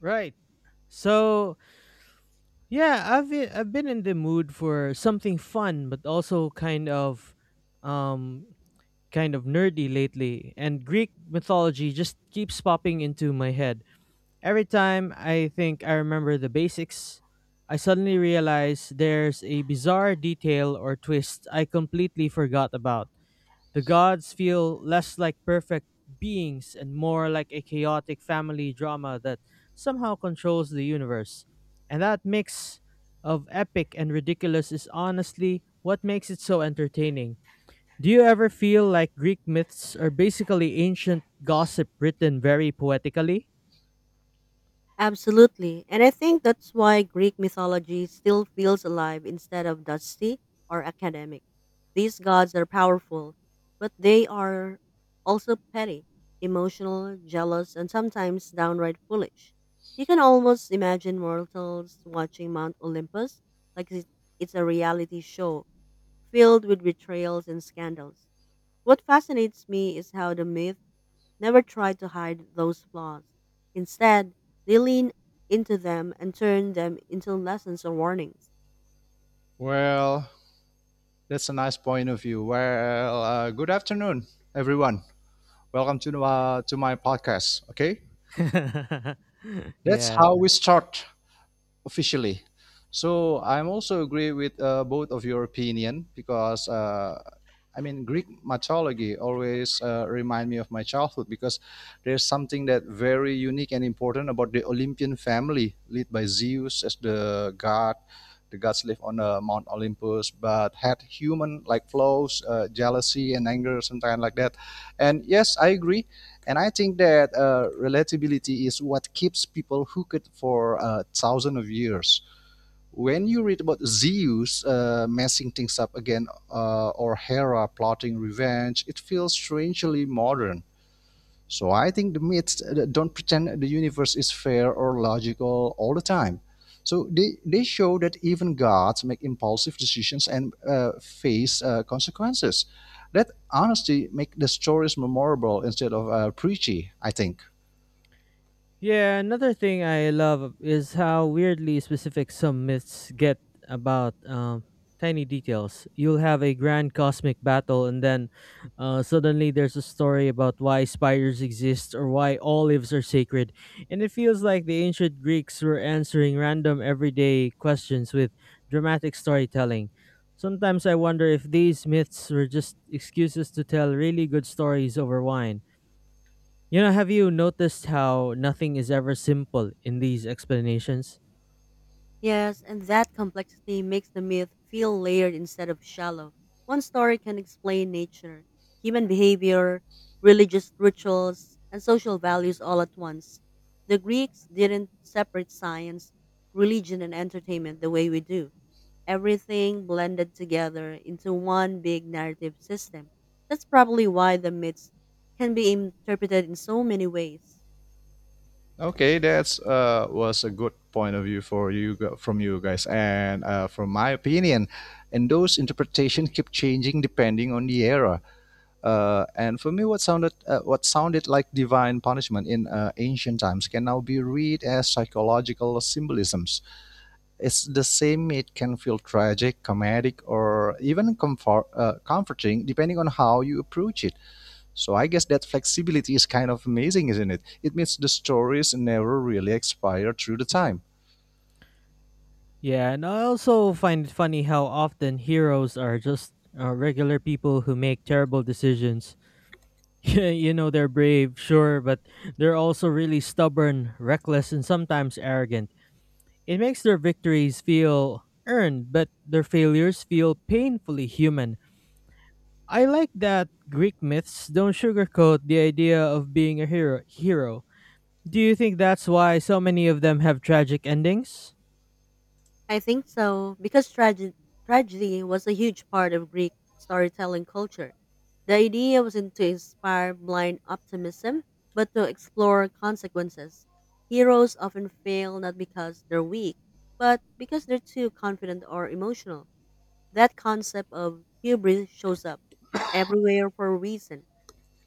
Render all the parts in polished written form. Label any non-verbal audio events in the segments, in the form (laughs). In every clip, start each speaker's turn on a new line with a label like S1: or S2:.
S1: Right. So yeah, I've been in the mood for something fun, but also um, kind of nerdy lately. And Greek mythology just keeps popping into my head every time I think I remember the basics. I suddenly realize there's a bizarre detail or twist I completely forgot about. The gods feel less like perfect beings and more like a chaotic family drama that somehow controls the universe. And that mix of epic and ridiculous is honestly what makes it so entertaining. Do you ever feel like Greek myths are basically ancient gossip written very poetically?
S2: Absolutely. And I think that's why Greek mythology still feels alive instead of dusty or academic. These gods are powerful, but they are also petty, emotional, jealous, and sometimes downright foolish. You can almost imagine mortals watching Mount Olympus like it- it's a reality show filled with betrayals and scandals. What fascinates me is how the myth never try to hide those flaws. Instead, they lean into them and turn them into lessons or warnings.
S3: Well, that's a nice point of view. Well, good afternoon, everyone. Welcome to to my podcast. Okay,
S1: (laughs)
S3: that's
S1: Yeah.
S3: how we start. Officially. So I'm also agree with both of your opinion because I mean Greek mythology always remind me of my childhood because there's something that very unique and important about the Olympian family led by Zeus as the god. The gods live on Mount Olympus, but had human like flaws, jealousy and anger, something like that. And yes, I agree and I think that relatability is what keeps people hooked for thousands of years. When you read about Zeus messing things up again or Hera plotting revenge, it feels strangely modern. So I think the myths don't pretend the universe is fair or logical all the time. So they show that even gods make impulsive decisions and face consequences. That honesty make the stories memorable instead of preachy, I think.
S1: Yeah, another thing I love is how weirdly specific some myths get about tiny details. You'll have a grand cosmic battle, and then suddenly there's a story about why spiders exist or why olives are sacred. And it feels like the ancient Greeks were answering random everyday questions with dramatic storytelling. Sometimes I wonder if these myths were just excuses to tell really good stories over wine. Have you noticed how nothing is ever simple in these explanations?
S2: Yes, and that complexity makes the myth feel layered instead of shallow. One story can explain nature, human behavior, religious rituals, and social values all at once. The Greeks didn't separate science, religion, and entertainment the way we do. Everything blended together into one big narrative system. That's probably why the myths can be interpreted in so many ways.
S3: Okay, that's was a good point of view for from you guys, and from my opinion, and those interpretations keep changing depending on the era. And for me, what sounded like divine punishment in ancient times can now be read as psychological symbolisms. It's the same; it can feel tragic, comedic, or even comforting, depending on how you approach it. So I guess that flexibility is kind of amazing, isn't it? It means the stories never really expire through the time.
S1: Yeah, and I also find it funny how often heroes are just regular people who make terrible decisions. (laughs) Yeah, you know, they're brave, sure, but they're also really stubborn, reckless, and sometimes arrogant. It makes their victories feel earned, but their failures feel painfully human. I like that Greek myths don't sugarcoat the idea of being a hero. Do you think that's why so many of them have tragic endings?
S2: I think so, because tragedy was a huge part of Greek storytelling culture. The idea wasn't to inspire blind optimism, but to explore consequences. Heroes often fail not because they're weak, but because they're too confident or emotional. That concept of hubris shows up everywhere for a reason.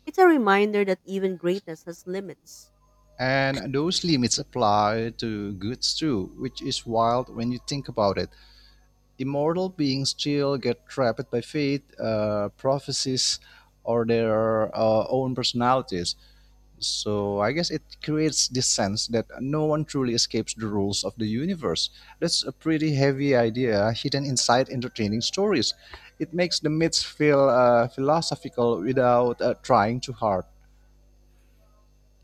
S2: It's a reminder that even greatness has limits.
S3: And those limits apply to goods too, which is wild when you think about it. Immortal beings still get trapped by fate, prophecies, or their own personalities. So I guess it creates this sense that no one truly escapes the rules of the universe. That's a pretty heavy idea hidden inside entertaining stories. It makes the myths feel philosophical without trying too hard.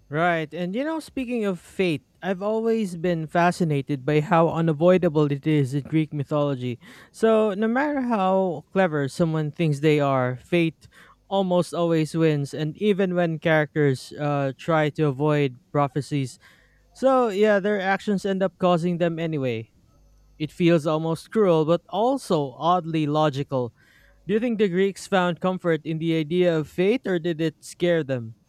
S1: Right, and you know, speaking of fate, I've always been fascinated by how unavoidable it is in Greek mythology. So, no matter how clever someone thinks they are, fate almost always wins, and even when characters try to avoid prophecies. So, yeah, their actions end up causing them anyway. It feels almost cruel, but also oddly logical. Do you think the Greeks found comfort in the idea of fate or did it scare them?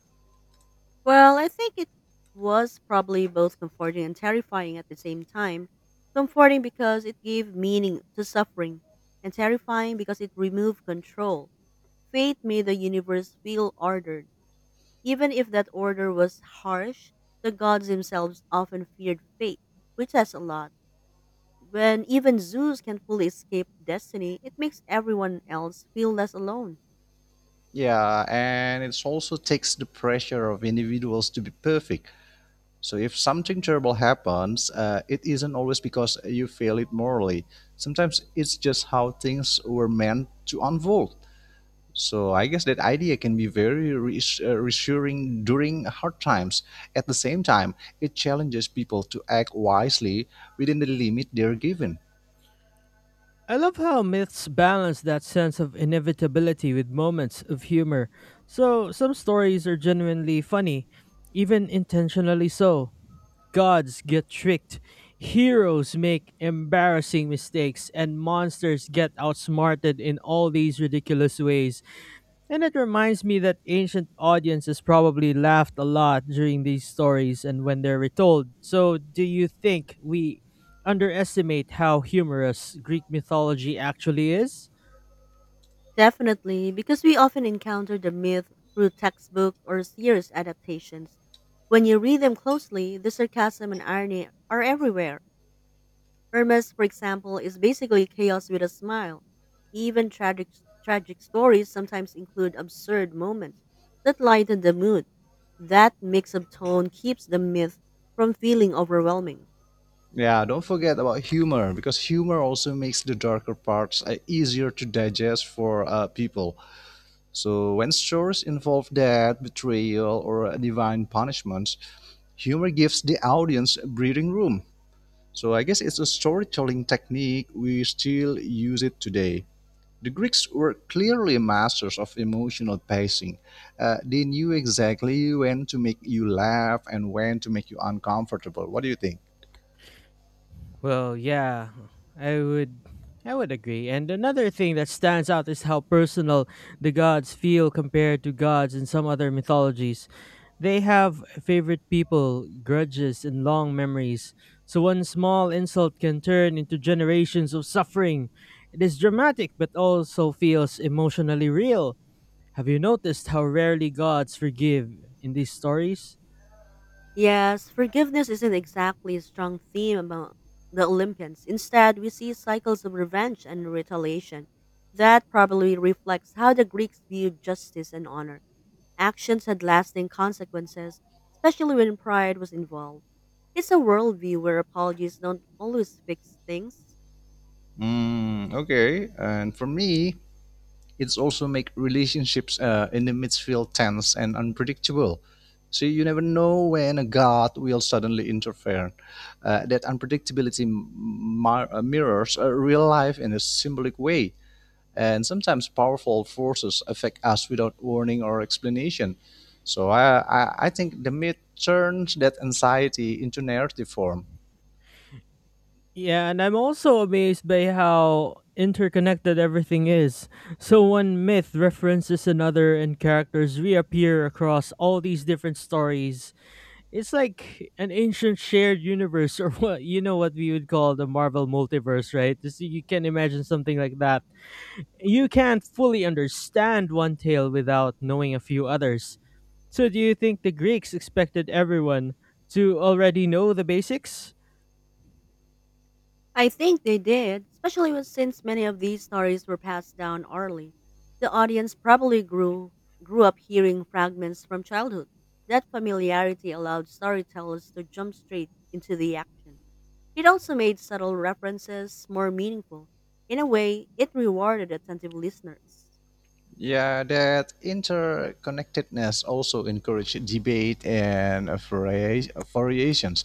S2: Well, I think it was probably both comforting and terrifying at the same time. Comforting because it gave meaning to suffering, and terrifying because it removed control. Fate made the universe feel ordered. Even if that order was harsh, the gods themselves often feared fate, which says a lot. When even zoos can fully escape destiny, it makes everyone else feel less alone.
S3: Yeah, and it also takes the pressure of individuals to be perfect. So if something terrible happens, it isn't always because you fail it morally. Sometimes it's just how things were meant to unfold. So I guess that idea can be very reassuring during hard times. At the same time, it challenges people to act wisely within the limit they're given.
S1: I love how myths balance that sense of inevitability with moments of humor. So, some stories are genuinely funny, even intentionally so. Gods get tricked, heroes make embarrassing mistakes, and monsters get outsmarted in all these ridiculous ways. And it reminds me that ancient audiences probably laughed a lot during these stories and when they're retold. So, do you think we underestimate how humorous Greek mythology actually is?
S2: Definitely, because we often encounter the myth through textbook or serious adaptations. When you read them closely, the sarcasm and irony are everywhere. Hermes, for example, is basically chaos with a smile. Even tragic stories sometimes include absurd moments that lighten the mood. That mix of tone keeps the myth from feeling overwhelming.
S3: Yeah, don't forget about humor because humor also makes the darker parts easier to digest for people. So when stories involve death, betrayal, or divine punishments, humor gives the audience breathing room. So I guess it's a storytelling technique we still use it today. The Greeks were clearly masters of emotional pacing. They knew exactly when to make you laugh and when to make you uncomfortable. What do you think?
S1: Well, yeah, I would I would agree. And another thing that stands out is how personal the gods feel compared to gods in some other mythologies. They have favorite people, grudges, and long memories. So one small insult can turn into generations of suffering. It is dramatic but also feels emotionally real. Have you noticed how rarely gods forgive in these stories?
S2: Yes, forgiveness isn't exactly a strong theme among the Olympians. Instead, we see cycles of revenge and retaliation. That probably reflects how the Greeks viewed justice and honor. Actions had lasting consequences, especially when pride was involved. It's a worldview where apologies don't always fix things.
S3: Mm, okay. And for me, it's also make relationships in the midfield tense and unpredictable. So you never know when a god will suddenly interfere. That unpredictability mirrors real life in a symbolic way. And sometimes powerful forces affect us without warning or explanation. So I think the myth turns that anxiety into narrative form.
S1: Yeah, and I'm also amazed by how interconnected everything is. So one myth references another and characters reappear across all these different stories. It's like an ancient shared universe (laughs) or what you know what we would call the Marvel multiverse, right? This, you can imagine something like that. You can't fully understand one tale without knowing a few others. So do you think the Greeks expected everyone to already know the basics?
S2: I think they did, especially when- since many of these stories were passed down orally. The audience probably grew up hearing fragments from childhood. That familiarity allowed storytellers to jump straight into the action. It also made subtle references more meaningful. In a way, it rewarded attentive listeners.
S3: Yeah, that interconnectedness also encourages debate and variations.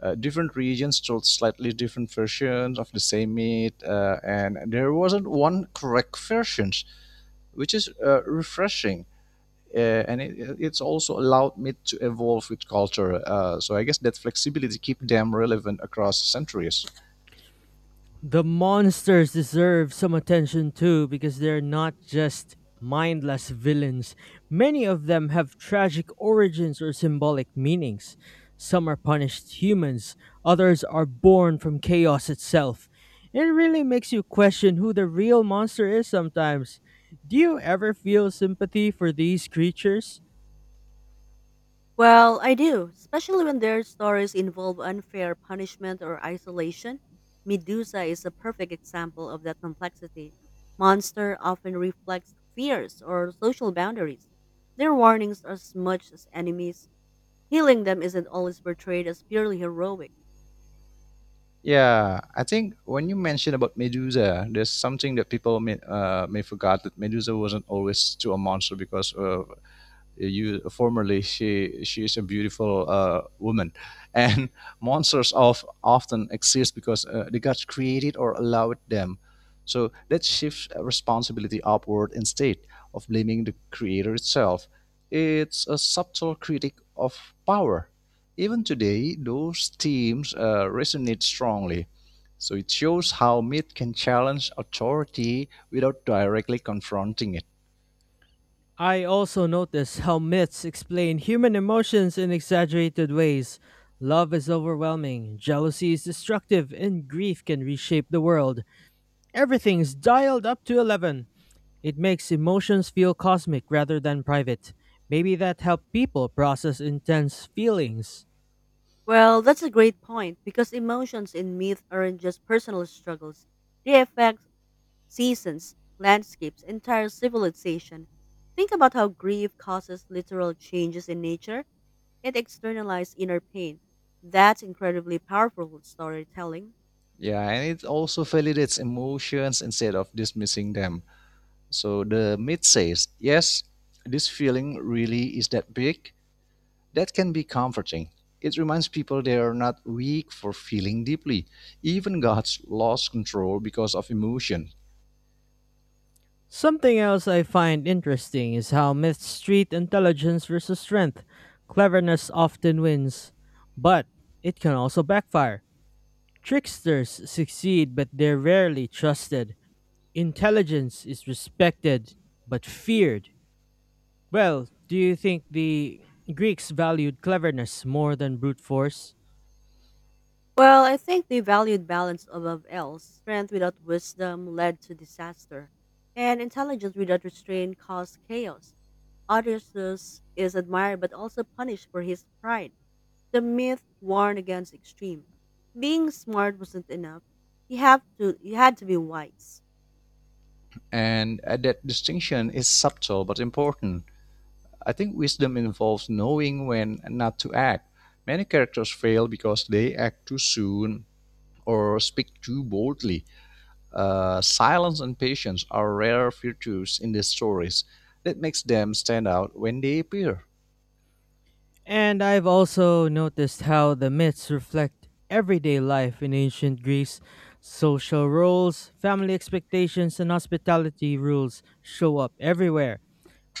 S3: Different regions told slightly different versions of the same myth, and there wasn't one correct version, which is refreshing. Uh, and it's also allowed me to evolve with culture. So I guess that flexibility keeps them relevant across centuries.
S1: The monsters deserve some attention too because they're not just mindless villains. Many of them have tragic origins or symbolic meanings. Some are punished humans, others are born from chaos itself. It really makes you question who the real monster is sometimes. Do you ever feel sympathy for these creatures?
S2: Well, I do, especially when their stories involve unfair punishment or isolation. Medusa is a perfect example of that complexity. Monster often reflects fears or social boundaries. Their warnings are as much as enemies. Healing them isn't always portrayed as purely heroic.
S3: Yeah, I think when you mention about Medusa, there's something that people may forgot that Medusa wasn't always to a monster because you formerly she is a beautiful woman and (laughs) monsters of often exist because the gods created or allowed them, so that shifts responsibility upward instead of blaming the creator itself. It's a subtle critic of power. Even today those themes resonate strongly. So it shows how myth can challenge authority without directly confronting it.
S1: I also notice how myths explain human emotions in exaggerated ways. Love is overwhelming, jealousy is destructive, and grief can reshape the world. Everything's dialed up to 11. It makes emotions feel cosmic rather than private. Maybe that helped people process intense feelings.
S2: Well, that's a great point because emotions in myth aren't just personal struggles. They affect seasons, landscapes, entire civilization. Think about how grief causes literal changes in nature and externalized inner pain. That's incredibly powerful storytelling.
S3: Yeah, and it also validates emotions instead of dismissing them. So the myth says, yes, this feeling really is that big. That can be comforting. It reminds people they are not weak for feeling deeply. Even God's lost control because of emotion.
S1: Something else I find interesting is how myths treat intelligence versus strength. Cleverness often wins, but it can also backfire. Tricksters succeed, but they're rarely trusted. Intelligence is respected, but feared. Well, do you think the Greeks valued cleverness more than brute force?
S2: Well, I think they valued balance above else. Strength without wisdom led to disaster, and intelligence without restraint caused chaos. Odysseus is admired but also punished for his pride. The myth warned against extreme. Being smart wasn't enough. You had to be wise.
S3: And that distinction is subtle but important. I think wisdom involves knowing when not to act. Many characters fail because they act too soon or speak too boldly. Silence and patience are rare virtues in these stories that makes them stand out when they appear.
S1: And I've also noticed how the myths reflect everyday life in ancient Greece. Social roles, family expectations, and hospitality rules show up everywhere.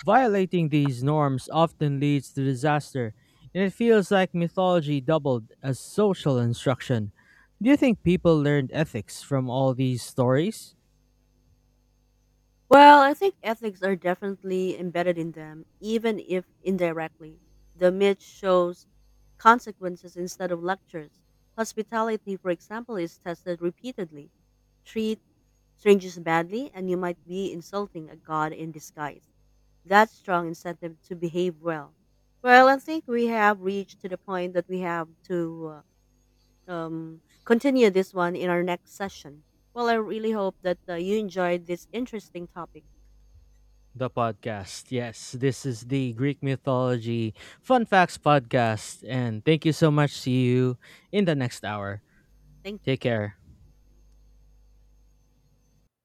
S1: Violating these norms often leads to disaster, and it feels like mythology doubled as social instruction. Do you think people learned ethics from all these stories?
S2: Well, I think ethics are definitely embedded in them, even if indirectly. The myth shows consequences instead of lectures. Hospitality, for example, is tested repeatedly. Treat strangers badly and you might be insulting a god in disguise. That's strong incentive to behave well. Well, I think we have reached to the point that we have to continue this one in our next session. Well, I really hope that you enjoyed this interesting topic.
S1: The podcast. Yes, this is the Greek Mythology Fun Facts Podcast. And thank you so much. See you in the next hour.
S2: Thank you.
S1: Take care.